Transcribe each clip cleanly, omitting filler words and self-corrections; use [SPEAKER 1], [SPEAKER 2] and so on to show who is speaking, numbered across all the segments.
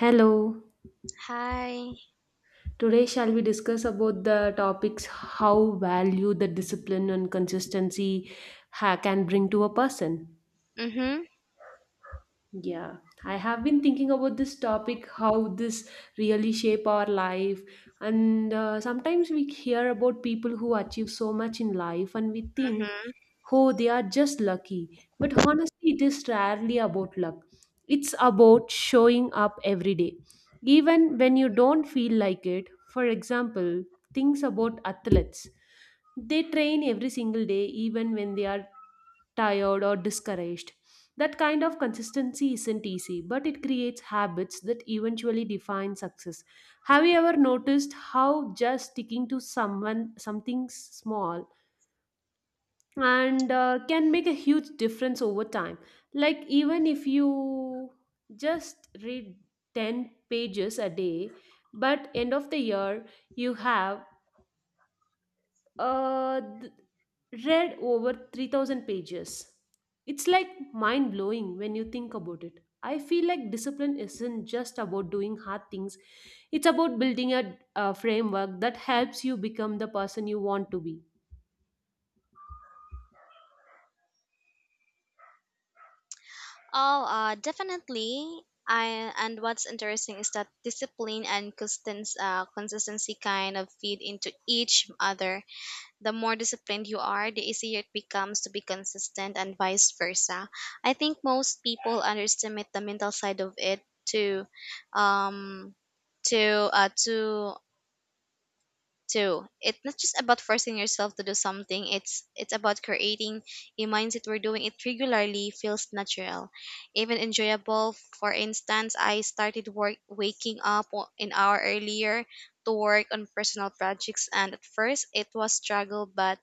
[SPEAKER 1] Hello.
[SPEAKER 2] Hi.
[SPEAKER 1] Today shall we discuss about the topics how value the discipline and consistency can bring to a person.
[SPEAKER 2] Mhm.
[SPEAKER 1] Yeah, I have been thinking about this topic how this really shape our life, and sometimes we hear about people who achieve so much in life and we think,
[SPEAKER 2] Mhm.
[SPEAKER 1] oh, they are just lucky. But honestly, it is rarely about luck. It's about showing up every day, even when you don't feel like it. For example, things about athletes. They train every single day, even when they are tired or discouraged. That kind of consistency isn't easy, but it creates habits that eventually define success. Have you ever noticed how just sticking to someone something small and can make a huge difference over time, like even if you just read 10 pages a day, but end of the year you have uh, th- read over 3,000 pages. It's like mind blowing when you think about it. I feel like discipline isn't just about doing hard things, it's about building a framework that helps you become the person you want to be.
[SPEAKER 2] Oh, definitely. I and what's interesting is that consistency kind of feed into each other. The more disciplined you are, the easier it becomes to be consistent, and vice versa. I think most people underestimate the mental side of it to, um, to. It's not just about forcing yourself to do something. It's about creating a mindset where doing it regularly feels natural, even enjoyable. For instance, I started work waking up an hour earlier to work on personal projects, and at first it was struggle, but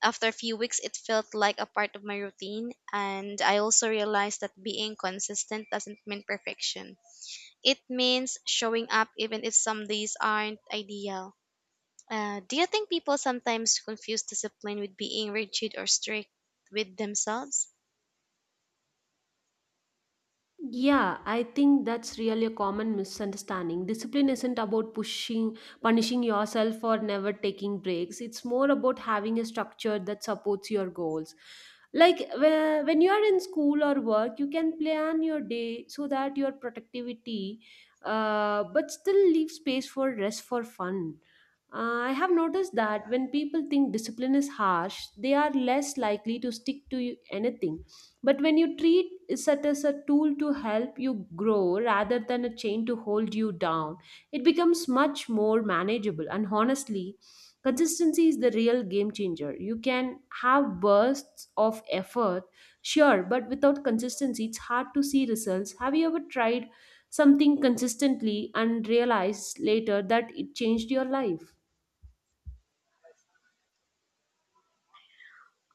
[SPEAKER 2] after a few weeks, it felt like a part of my routine. And I also realized that being consistent doesn't mean perfection. It means showing up even if some days aren't ideal. Do you think people sometimes confuse discipline with being rigid or strict with themselves?
[SPEAKER 1] Yeah, I think that's really a common misunderstanding. Discipline isn't about pushing, punishing yourself or never taking breaks. It's more about having a structure that supports your goals. Like when you are in school or work, you can plan your day so that your productivity, but still leave space for rest for fun. I have noticed that when people think discipline is harsh, they are less likely to stick to anything, but when you treat it as a tool to help you grow rather than a chain to hold you down, it becomes much more manageable. And honestly, consistency is the real game changer. You can have bursts of effort, sure, but without consistency, it's hard to see results. Have you ever tried something consistently and realized later that it changed your life?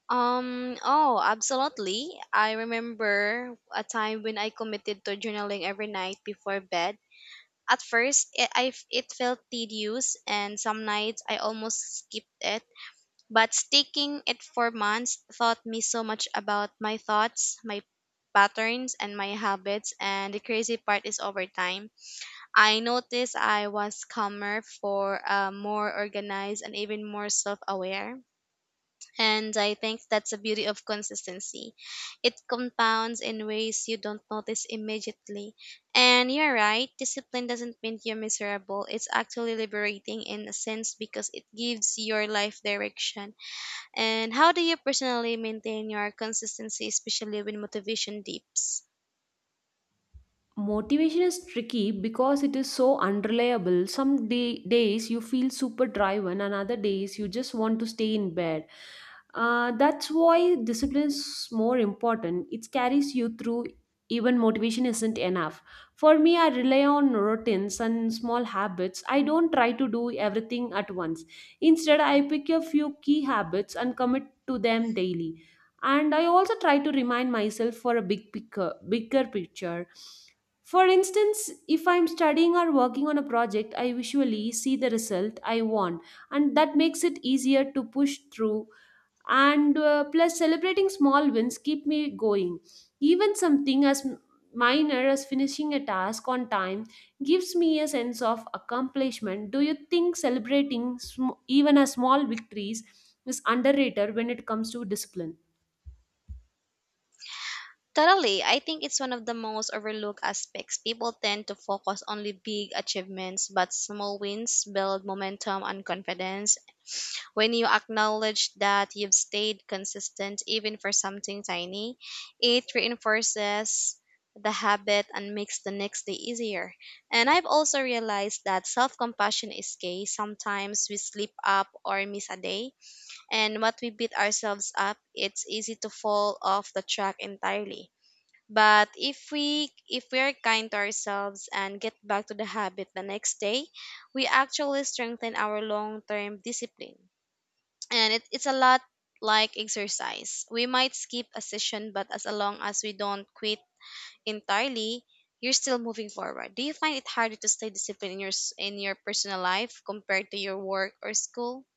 [SPEAKER 2] Oh, absolutely. I remember a time when I committed to journaling every night before bed. At first, it felt tedious, and some nights I almost skipped it. But sticking it for months taught me so much about my thoughts, my patterns, and my habits. And the crazy part is over time. I noticed I was calmer for more organized and even more self-aware. And I think that's the beauty of consistency. It compounds in ways you don't notice immediately. And you're right, discipline doesn't mean you're miserable. It's actually liberating in a sense because it gives your life direction. And how do you personally maintain your consistency, especially when motivation dips?
[SPEAKER 1] Motivation is tricky because it is so unreliable. Some days you feel super driven, and other days you just want to stay in bed. That's why discipline is more important. It carries you through even motivation isn't enough. For me, I rely on routines and small habits. I don't try to do everything at once. Instead, I pick a few key habits and commit to them daily. And I also try to remind myself for a bigger picture. For instance, if I'm studying or working on a project, I visually see the result I want, and that makes it easier to push through. And plus, celebrating small wins keep me going. Even something as minor as finishing a task on time gives me a sense of accomplishment. Do you think celebrating even as small victories is underrated when it comes to discipline?
[SPEAKER 2] Totally. I think it's one of the most overlooked aspects. People tend to focus only big achievements, but small wins build momentum and confidence. When you acknowledge that you've stayed consistent even for something tiny, it reinforces the habit and makes the next day easier. And I've also realized that self compassion is key. Sometimes we slip up or miss a day, and what we beat ourselves up, it's easy to fall off the track entirely, but if we are kind to ourselves and get back to the habit the next day, we actually strengthen our long-term discipline. And it's a lot like exercise. We might skip a session, but as long as we don't quit entirely, you're still moving forward. Do you find it harder to stay disciplined in in your personal life compared to your work or school?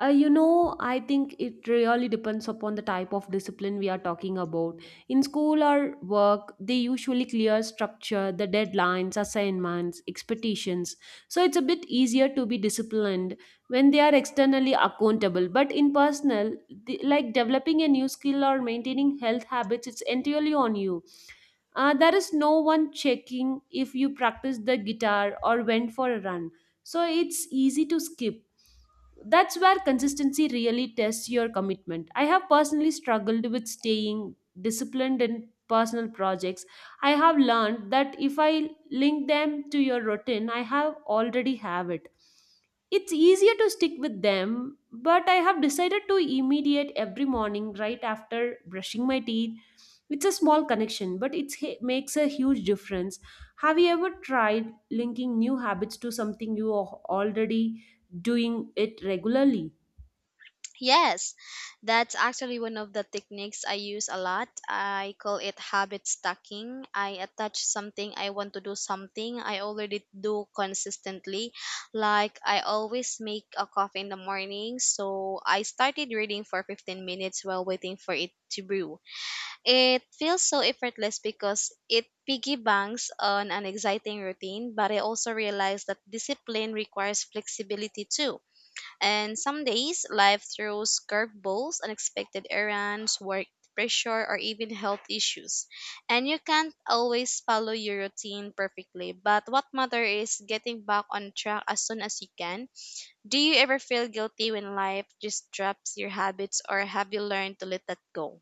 [SPEAKER 1] You know, I think it really depends upon the type of discipline we are talking about. In school or work, they usually clear structure, the deadlines, assignments, expectations. So it's a bit easier to be disciplined when they are externally accountable. But in personal, the, like developing a new skill or maintaining health habits, it's entirely on you. There is no one checking if you practice the guitar or went for a run. So it's easy to skip. That's where consistency really tests your commitment. I have personally struggled with staying disciplined in personal projects. I have learned that if I link them to your routine, I have already have it. It's easier to stick with them, but I have decided to immediate every morning right after brushing my teeth. It's a small connection, but it makes a huge difference. Have you ever tried linking new habits to something you already doing it regularly?
[SPEAKER 2] Yes, that's actually one of the techniques I use a lot. I call it habit stacking. I attach something I want to do something I already do consistently. Like I always make a coffee in the morning, so I started reading for 15 minutes while waiting for it to brew. It feels so effortless because it piggy banks on an exciting routine, but I also realize that discipline requires flexibility too. And some days, life throws curveballs, unexpected errands, work pressure, or even health issues. And you can't always follow your routine perfectly, but what matters is getting back on track as soon as you can. Do you ever feel guilty when life just drops your habits, or have you learned to let that go?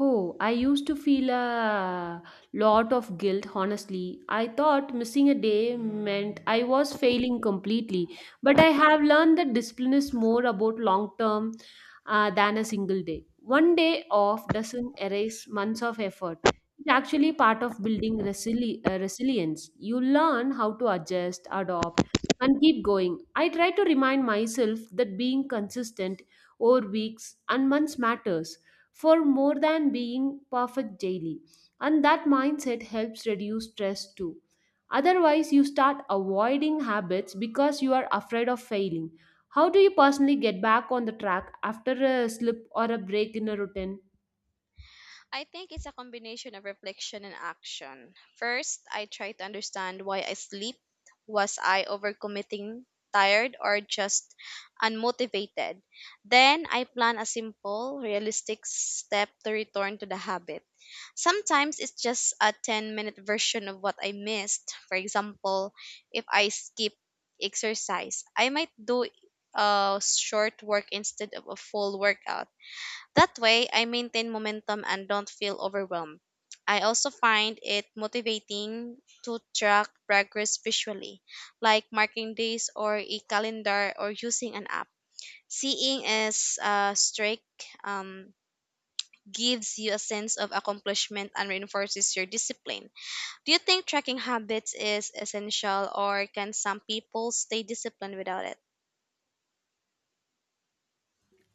[SPEAKER 1] Oh, I used to feel a lot of guilt, honestly. I thought missing a day meant I was failing completely. But I have learned that discipline is more about long term, than a single day. One day off doesn't erase months of effort. It's actually part of building resilience. You learn how to adjust, adopt, and keep going. I try to remind myself that being consistent over weeks and months matters for more than being perfect daily. And that mindset helps reduce stress too. Otherwise, you start avoiding habits because you are afraid of failing. How do you personally get back on the track after a slip or a break in a routine?
[SPEAKER 2] I think it's a combination of reflection and action. First, I try to understand why I sleep. Was I overcommitting, tired, or just unmotivated? Then I plan a simple, realistic step to return to the habit. Sometimes it's just a 10-minute version of what I missed. For example, if I skip exercise, I might do a short work instead of a full workout. That way, I maintain momentum and don't feel overwhelmed. I also find it motivating to track progress visually, like marking days or a calendar or using an app. Seeing as a streak um, gives you a sense of accomplishment and reinforces your discipline. Do you think tracking habits is essential, or can some people stay disciplined without it?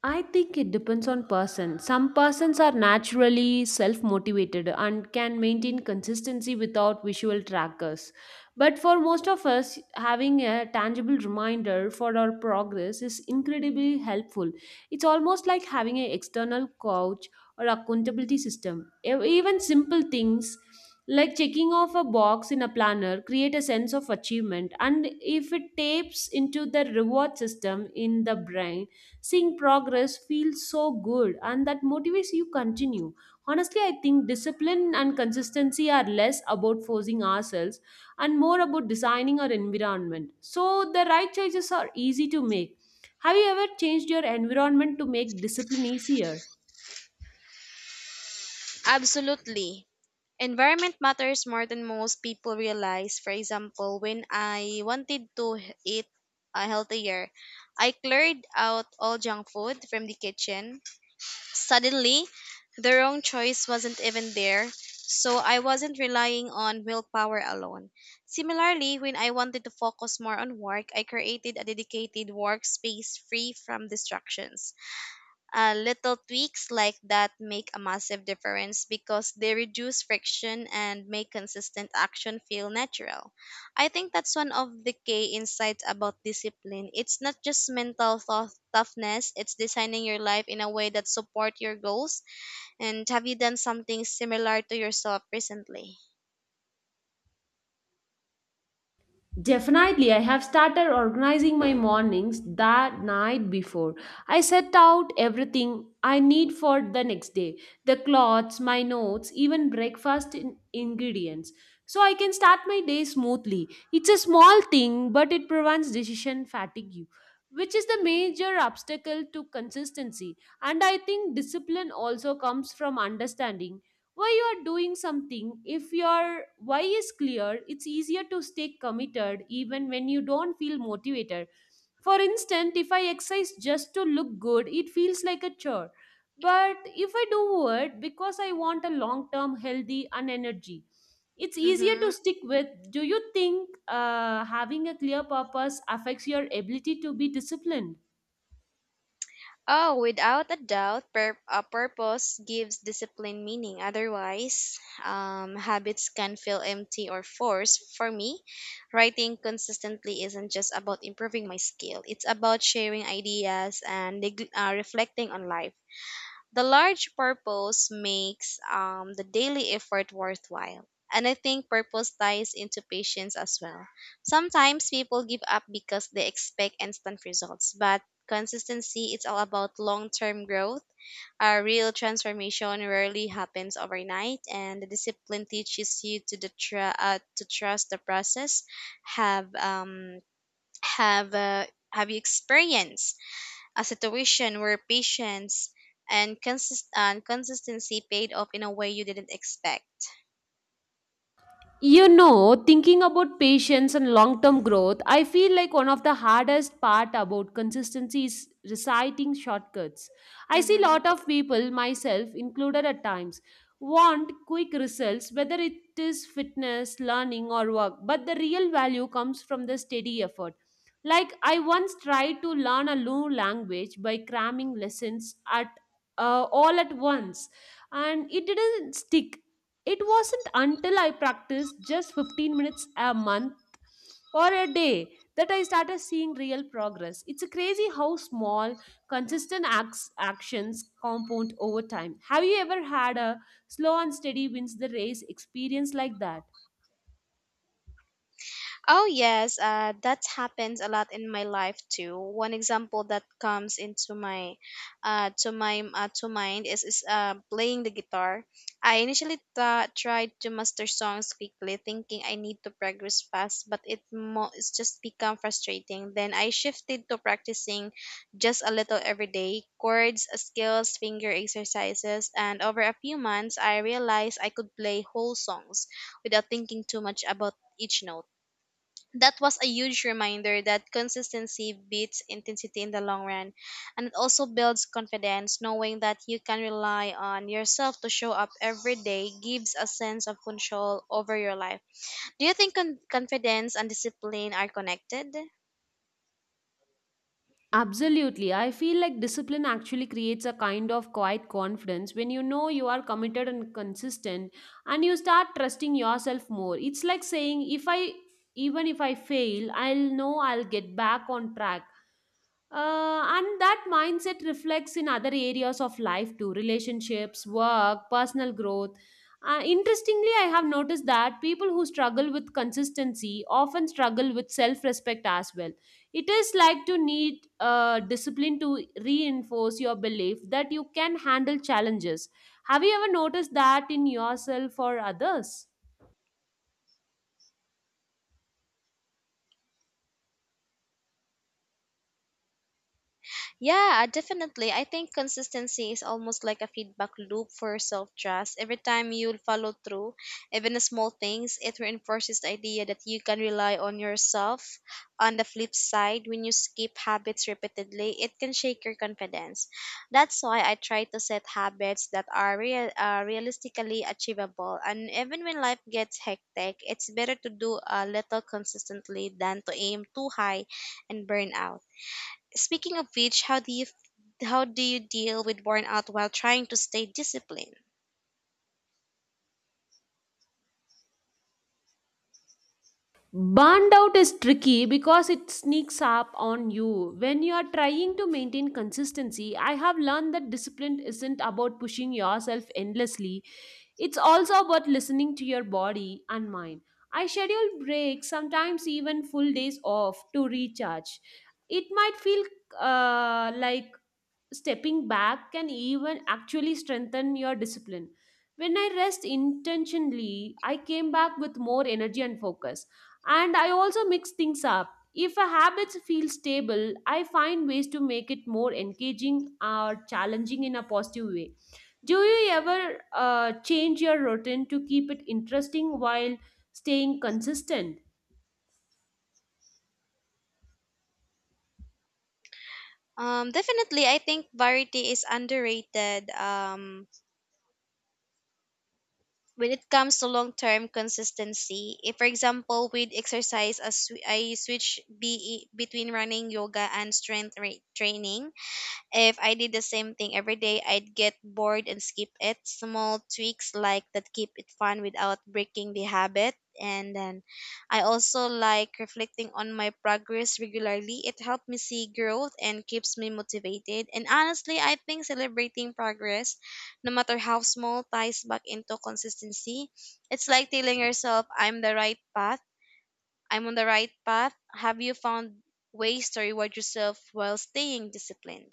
[SPEAKER 1] I think it depends on person. Some persons are naturally self-motivated and can maintain consistency without visual trackers. But for most of us, having a tangible reminder for our progress is incredibly helpful. It's almost like having an external coach or accountability system. Even simple things like checking off a box in a planner create a sense of achievement. And if it tapes into the reward system in the brain, seeing progress feels so good, and that motivates you continue. Honestly, I think discipline and consistency are less about forcing ourselves and more about designing our environment, so the right choices are easy to make. Have you ever changed your environment to make discipline easier?
[SPEAKER 2] Absolutely. Environment matters more than most people realize. For example, when I wanted to eat healthier, I cleared out all junk food from the kitchen. Suddenly, the wrong choice wasn't even there, so I wasn't relying on willpower alone. Similarly, when I wanted to focus more on work, I created a dedicated workspace free from distractions. Little tweaks like that make a massive difference because they reduce friction and make consistent action feel natural. I think that's one of the key insights about discipline. It's not just mental thought toughness, it's designing your life in a way that support your goals. And have you done something similar to yourself recently?
[SPEAKER 1] Definitely, I have started organizing my mornings that night before. I set out everything I need for the next day, the clothes, my notes, even breakfast ingredients. So I can start my day smoothly. It's a small thing, but it prevents decision fatigue, which is the major obstacle to consistency. And I think discipline also comes from understanding why you are doing something. If your why is clear, it's easier to stay committed even when you don't feel motivated. For instance, if I exercise just to look good, it feels like a chore. But if I do it because I want a long term healthy and energy, it's easier to
[SPEAKER 2] Mm-hmm.
[SPEAKER 1] stick with. Do you think having a clear purpose affects your ability to be disciplined?
[SPEAKER 2] Oh, without a doubt, a purpose gives discipline meaning. Otherwise, habits can feel empty or forced. For me, writing consistently isn't just about improving my skill, it's about sharing ideas and reflecting on life. The large purpose makes the daily effort worthwhile. And I think purpose ties into patience as well. Sometimes people give up because they expect instant results, but consistency is all about long term growth. A real transformation rarely happens overnight, and the discipline teaches you to trust the process. Have um have you experienced a situation where patience and consistency paid off in a way you didn't expect.
[SPEAKER 1] You know, thinking about patience and long term growth, I feel like one of the hardest part about consistency is reciting shortcuts. I see
[SPEAKER 2] Mm-hmm.
[SPEAKER 1] lot of people, myself included at times, want quick results, whether it is fitness, learning, or work, but the real value comes from the steady effort. Like, I once tried to learn a new language by cramming lessons at all at once, and it didn't stick. It wasn't until I practiced just 15 minutes a month or a day that I started seeing real progress. It's a crazy how small, actions compound over time. Have you ever had a slow and steady wins the race experience like that?
[SPEAKER 2] Oh, yes, that happens a lot in my life too. One example that comes into my, to my to mind is playing the guitar. I initially tried to master songs quickly, thinking I need to progress fast, but it's just become frustrating. Then I shifted to practicing just a little every day, chords, skills, finger exercises, and over a few months, I realized I could play whole songs without thinking too much about each note. That was a huge reminder that consistency beats intensity in the long run. And it also builds confidence knowing that you can rely on yourself to show up every day gives a sense of control over your life. Do you think confidence and discipline are connected?
[SPEAKER 1] Absolutely. I feel like discipline actually creates a kind of quiet confidence. When you know you are committed and consistent, and you start trusting yourself more. It's like saying if I, even if I fail, I'll know I'll get back on track. And that mindset reflects in other areas of life too, relationships, work, personal growth. Interestingly, I have noticed that people who struggle with consistency often struggle with self respect as well. It is like to need discipline to reinforce your belief that you can handle challenges. Have you ever noticed that in yourself or others?
[SPEAKER 2] Yeah, definitely. I think consistency is almost like a feedback loop for self trust. Every time you follow through, even the small things, it reinforces the idea that you can rely on yourself. On the flip side, when you skip habits repeatedly, it can shake your confidence. That's why I try to set habits that are realistically achievable. And even when life gets hectic, it's better to do a little consistently than to aim too high and burn out. Speaking of which, how do you deal with burnout while trying to stay disciplined?
[SPEAKER 1] Burned out is tricky because it sneaks up on you. When you are trying to maintain consistency, I have learned that discipline isn't about pushing yourself endlessly, it's also about listening to your body and mind. I schedule breaks, sometimes even full days off, to recharge. It might feel like stepping back can even actually strengthen your discipline. When I rest intentionally, I came back with more energy and focus. And I also mix things up. If a habit feels stable, I find ways to make it more engaging or challenging in a positive way. Do you ever change your routine to keep it interesting while staying consistent?
[SPEAKER 2] Definitely, I think variety is underrated when it comes to long term consistency. If, for example, with exercise, as I switch between running, yoga, and training. If I did the same thing every day, I'd get bored and skip it. Small tweaks like that keep it fun without breaking the habit. And then I also like reflecting on my progress regularly. It helps me see growth and keeps me motivated. And honestly, I think celebrating progress, no matter how small, ties back into consistency. It's like telling yourself, I'm on the right path. Have you found ways to reward yourself while staying disciplined?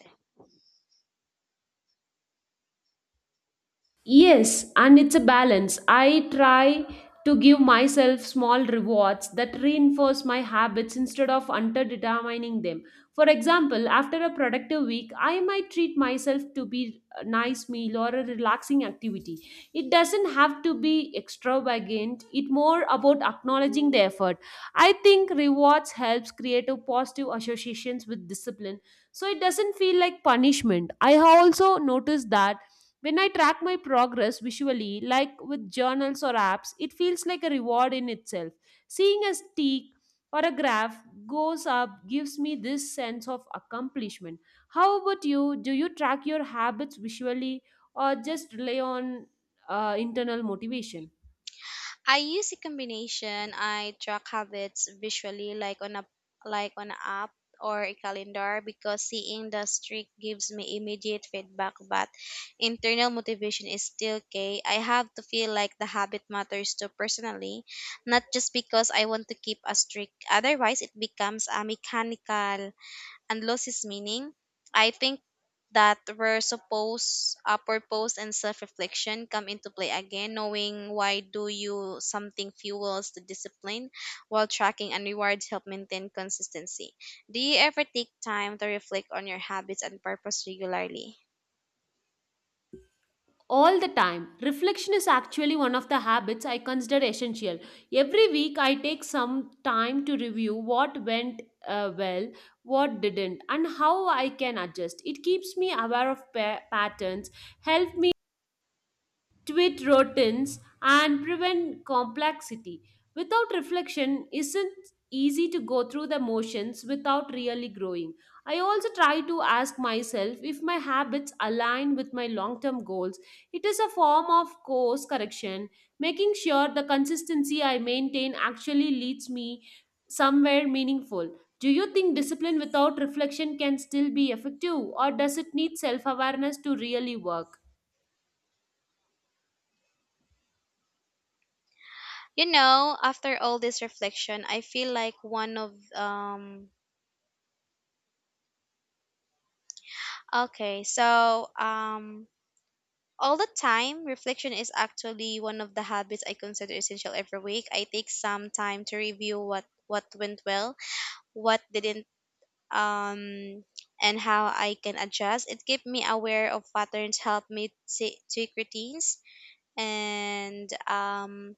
[SPEAKER 1] Yes, and it's a balance. I try to give myself small rewards that reinforce my habits instead of underdetermining them. For example, after a productive week, I might treat myself to be a nice meal or a relaxing activity. It doesn't have to be extravagant. It's more about acknowledging the effort. I think rewards helps create a positive associations with discipline, so it doesn't feel like punishment. I have also noticed that when I track my progress visually, like with journals or apps, it feels like a reward in itself. Seeing a stick or a graph goes up gives me this sense of accomplishment. How about you? Do you track your habits visually or just rely on internal motivation?
[SPEAKER 2] I use a combination. I track habits visually, like on an app or a calendar, because seeing the streak gives me immediate feedback. But internal motivation is still key. I have to feel like the habit matters to personally, not just because I want to keep a streak. Otherwise, it becomes a mechanical and lost its meaning. I think that where suppose purpose and self-reflection come into play again. Knowing why do you something fuels the discipline while tracking and rewards help maintain consistency. Do you ever take time to reflect on your habits and purpose regularly?
[SPEAKER 1] All the time, reflection is actually one of the habits I consider essential. Every week I take some time to review what went well, what didn't, and how I can adjust. It keeps me aware of patterns, help me tweet routines and prevent complexity. Without reflection, isn't easy to go through the motions without really growing. I also try to ask myself if my habits align with my long term goals. It is a form of course correction, making sure the consistency I maintain actually leads me somewhere meaningful. Do you think discipline without reflection can still be effective, or does it need self awareness to really work?
[SPEAKER 2] You know, after all this reflection I feel like one of okay so all the time. Reflection is actually one of the habits I consider essential every week. I take some time to review what went well, what didn't, um, and how I can adjust. It keeps me aware of patterns, help me tweak routines, and um,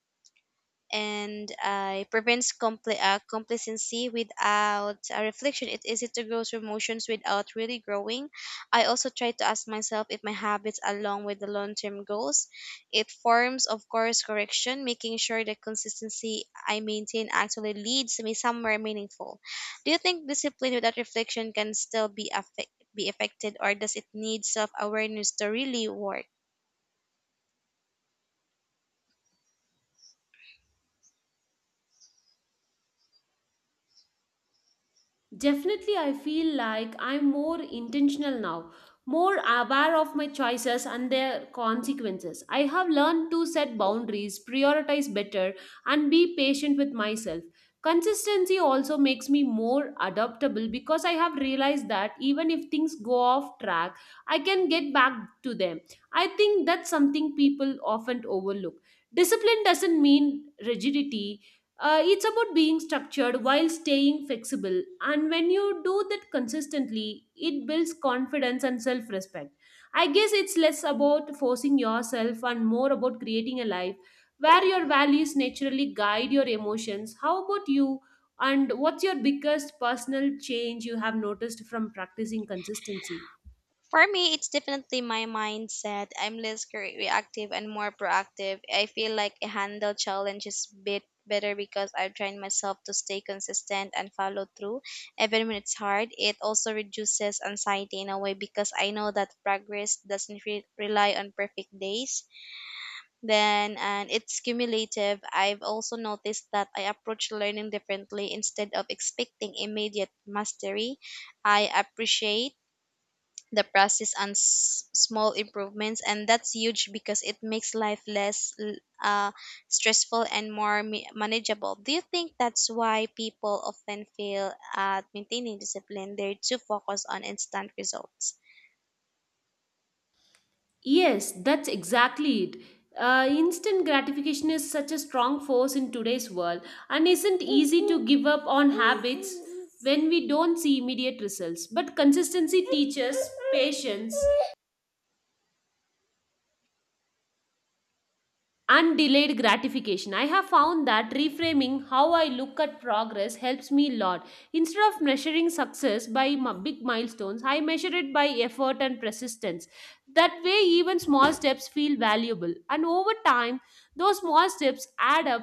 [SPEAKER 2] and uh, it prevents compli complacency without a reflection. It's easy to grow through motions without really growing. I also try to ask myself if my habits align with the long term goals. It forms, of course, correction, making sure the consistency I maintain actually leads me somewhere meaningful. Do you think discipline without reflection can still be affected, or does it need self awareness to really work?
[SPEAKER 1] Definitely, I feel like I'm more intentional now, more aware of my choices and their consequences. I have learned to set boundaries, prioritize better, and be patient with myself. Consistency also makes me more adaptable because I have realized that even if things go off track, I can get back to them. I think that's something people often overlook. Discipline doesn't mean rigidity, it's about being structured while staying flexible. And when you do that consistently, it builds confidence and self respect. I guess it's less about forcing yourself and more about creating a life where your values naturally guide your emotions. How about you? And what's your biggest personal change you have noticed from practicing consistency?
[SPEAKER 2] For me, it's definitely my mindset. I'm less reactive and more proactive. I feel like I handle challenges bit better because I've trained myself to stay consistent and follow through even when it's hard. It also reduces anxiety in a way because I know that progress doesn't rely on perfect days. Then and it's cumulative. I've also noticed that I approach learning differently instead of expecting immediate mastery. I appreciate the process and small improvements, and that's huge because it makes life less uh, stressful and more manageable. Do you think that's why people often fail at maintaining discipline? They're too focused on instant results.
[SPEAKER 1] Yes, that's exactly it. Instant gratification is such a strong force in today's world and isn't easy to give up on habits when we don't see immediate results. But consistency teaches patience and delayed gratification. I have found that reframing how I look at progress helps me a lot. Instead of measuring success by big milestones, I measure it by effort and persistence. That way, even small steps feel valuable, and over time, those small steps add up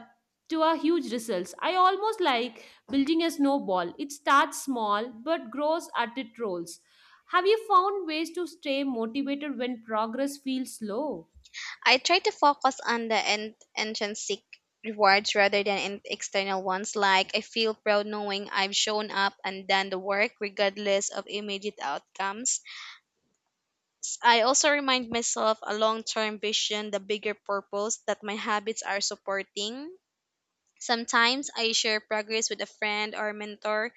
[SPEAKER 1] to a huge results. I almost like building a snowball. It starts small but grows as it rolls. Have you found ways to stay motivated when progress feels slow?
[SPEAKER 2] I try to focus on the intrinsic rewards rather than external ones. Like, I feel proud knowing I've shown up and done the work regardless of immediate outcomes. I also remind myself a long term vision, the bigger purpose that my habits are supporting. Sometimes I share progress with a friend or mentor,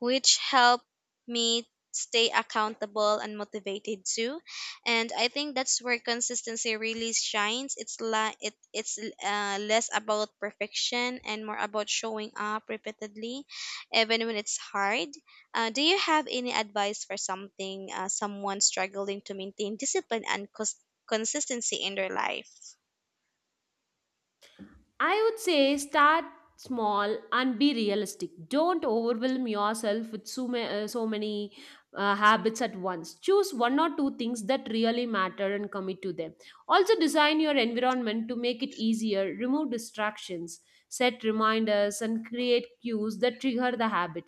[SPEAKER 2] which helped me stay accountable and motivated too. And I think that's where consistency really shines. It's like it's less about perfection and more about showing up repeatedly, even when it's hard. Do you have any advice for something, someone struggling to maintain discipline and consistency in their life?
[SPEAKER 1] I would say start small and be realistic. Don't overwhelm yourself with so many habits at once. Choose one or two things that really matter and commit to them. Also, design your environment to make it easier, remove distractions, set reminders, and create cues that trigger the habit.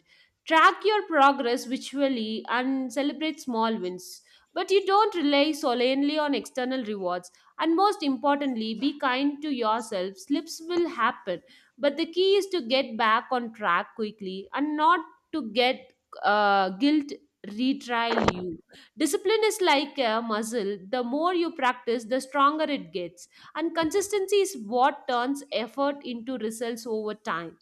[SPEAKER 1] Track your progress visually and celebrate small wins. But you don't rely solely on external rewards and most importantly, be kind to yourself. Slips will happen, but the key is to get back on track quickly and not to get guilt retrial you. Discipline is like a muscle. The more you practice, the stronger it gets. And consistency is what turns effort into results over time.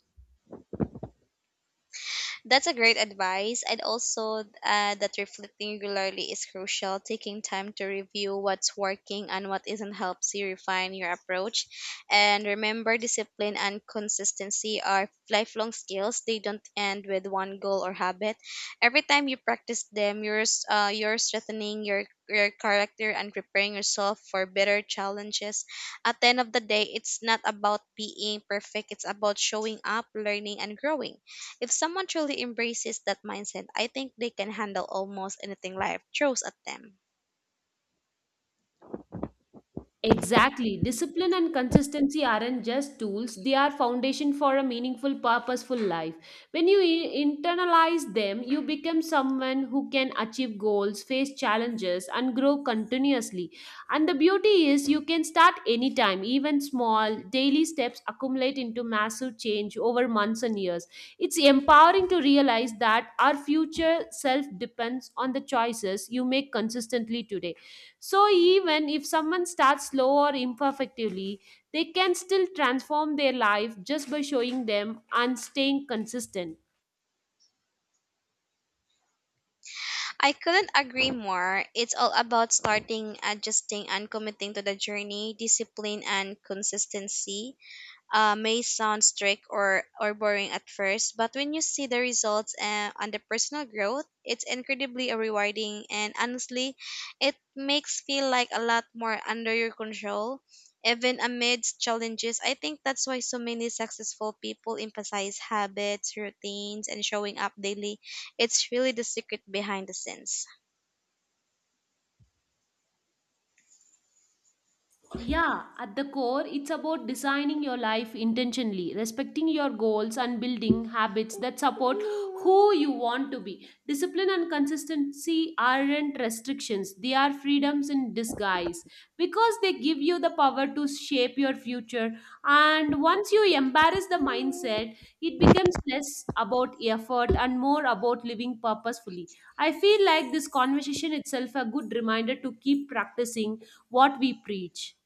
[SPEAKER 2] That's a great advice. And also, that reflecting regularly is crucial. Taking time to review what's working and what isn't helps you refine your approach. And remember, discipline and consistency are lifelong skills. They don't end with one goal or habit. Every time you practice them, you're strengthening your character and preparing yourself for better challenges. At the end of the day, it's not about being perfect. It's about showing up, learning, and growing. If someone truly embraces that mindset, I think they can handle almost anything life throws at them.
[SPEAKER 1] Exactly. Discipline and consistency aren't just tools, they are foundation for a meaningful, purposeful life. When you internalize them, you become someone who can achieve goals, face challenges, and grow continuously. And the beauty is you can start anytime, even small daily steps accumulate into massive change over months and years. It's empowering to realize that our future self depends on the choices you make consistently today. So, even if someone starts slow or imperfectively, they can still transform their life just by showing them and staying consistent.
[SPEAKER 2] I couldn't agree more. It's all about starting, adjusting, and committing to the journey, discipline, and consistency. May sound strict or boring at first, but when you see the results and the personal growth, it's incredibly rewarding. And honestly, it makes feel like a lot more under your control. Even amidst challenges, I think that's why so many successful people emphasize habits, routines, and showing up daily. It's really the secret behind the scenes.
[SPEAKER 1] Yeah, at the core, it's about designing your life intentionally, respecting your goals, and building habits that support who you want to be. Discipline and consistency aren't restrictions, they are freedoms in disguise because they give you the power to shape your future. And once you embrace the mindset, it becomes less about effort and more about living purposefully. I feel like this conversation itself a good reminder to keep practicing what we preach.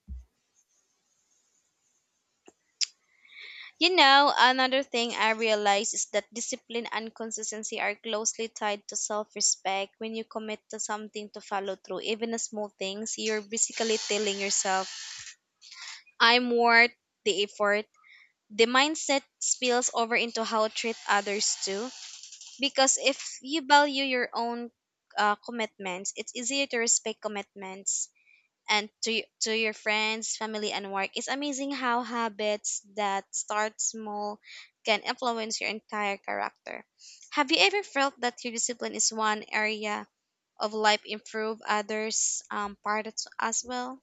[SPEAKER 2] You know, another thing I realize is that discipline and consistency are closely tied to self respect. When you commit to something to follow through, even the small things, you're basically telling yourself, I'm worth the effort. The mindset spills over into how you treat others too. Because if you value your own commitments, it's easier to respect commitments and to your friends, family, and work. It's amazing how habits that start small can influence your entire character. Have you ever felt that your discipline is one area of life improve others, part as well?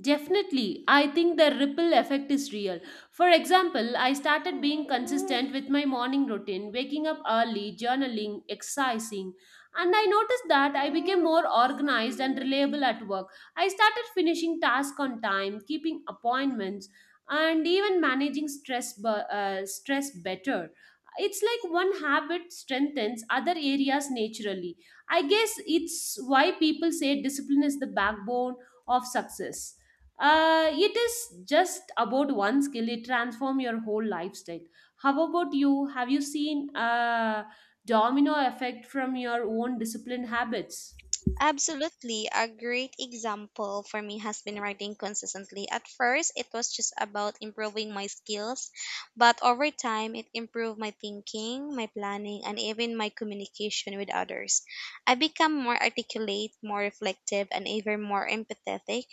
[SPEAKER 1] Definitely, I think the ripple effect is real. For example, I started being consistent with my morning routine, waking up early, journaling, exercising, and I noticed that I became more organized and reliable at work. I started finishing tasks on time, keeping appointments, and even managing stress stress better. It's like one habit strengthens other areas naturally. I guess it's why people say discipline is the backbone of success. It is just about one skill, it transform your whole lifestyle. How about you? Have you seen a domino effect from your own disciplined habits?
[SPEAKER 2] Absolutely. A great example for me has been writing consistently. At first, it was just about improving my skills, but over time, it improved my thinking, my planning, and even my communication with others. I become more articulate, more reflective, and even more empathetic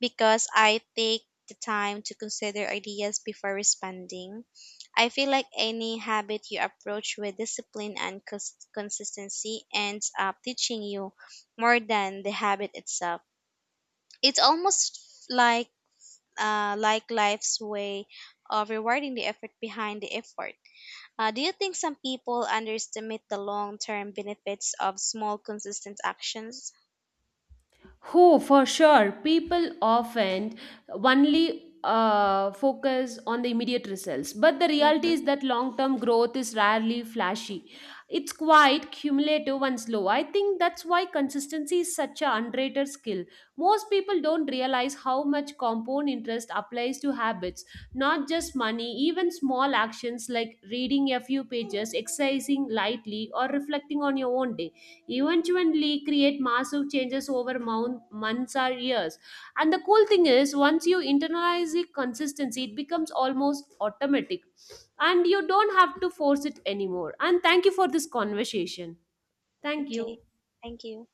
[SPEAKER 2] because I take the time to consider ideas before responding. I feel like any habit you approach with discipline and consistency ends up teaching you more than the habit itself. It's almost like like life's way of rewarding the effort behind the effort. Do you think some people underestimate the long term benefits of small, consistent actions?
[SPEAKER 1] Oh, for sure. People often only focus on the immediate results, but the reality is
[SPEAKER 2] Mm-hmm.
[SPEAKER 1] that long term growth is rarely flashy. It's quite cumulative and slow. I think that's why consistency is such an underrated skill. Most people don't realize how much compound interest applies to habits, not just money, even small actions like reading a few pages, exercising lightly, or reflecting on your own day eventually create massive changes over months or years. And the cool thing is, once you internalize the consistency, it becomes almost automatic and you don't have to force it anymore. And thank you for this conversation. Thank
[SPEAKER 2] Okay,
[SPEAKER 1] you.
[SPEAKER 2] thank you.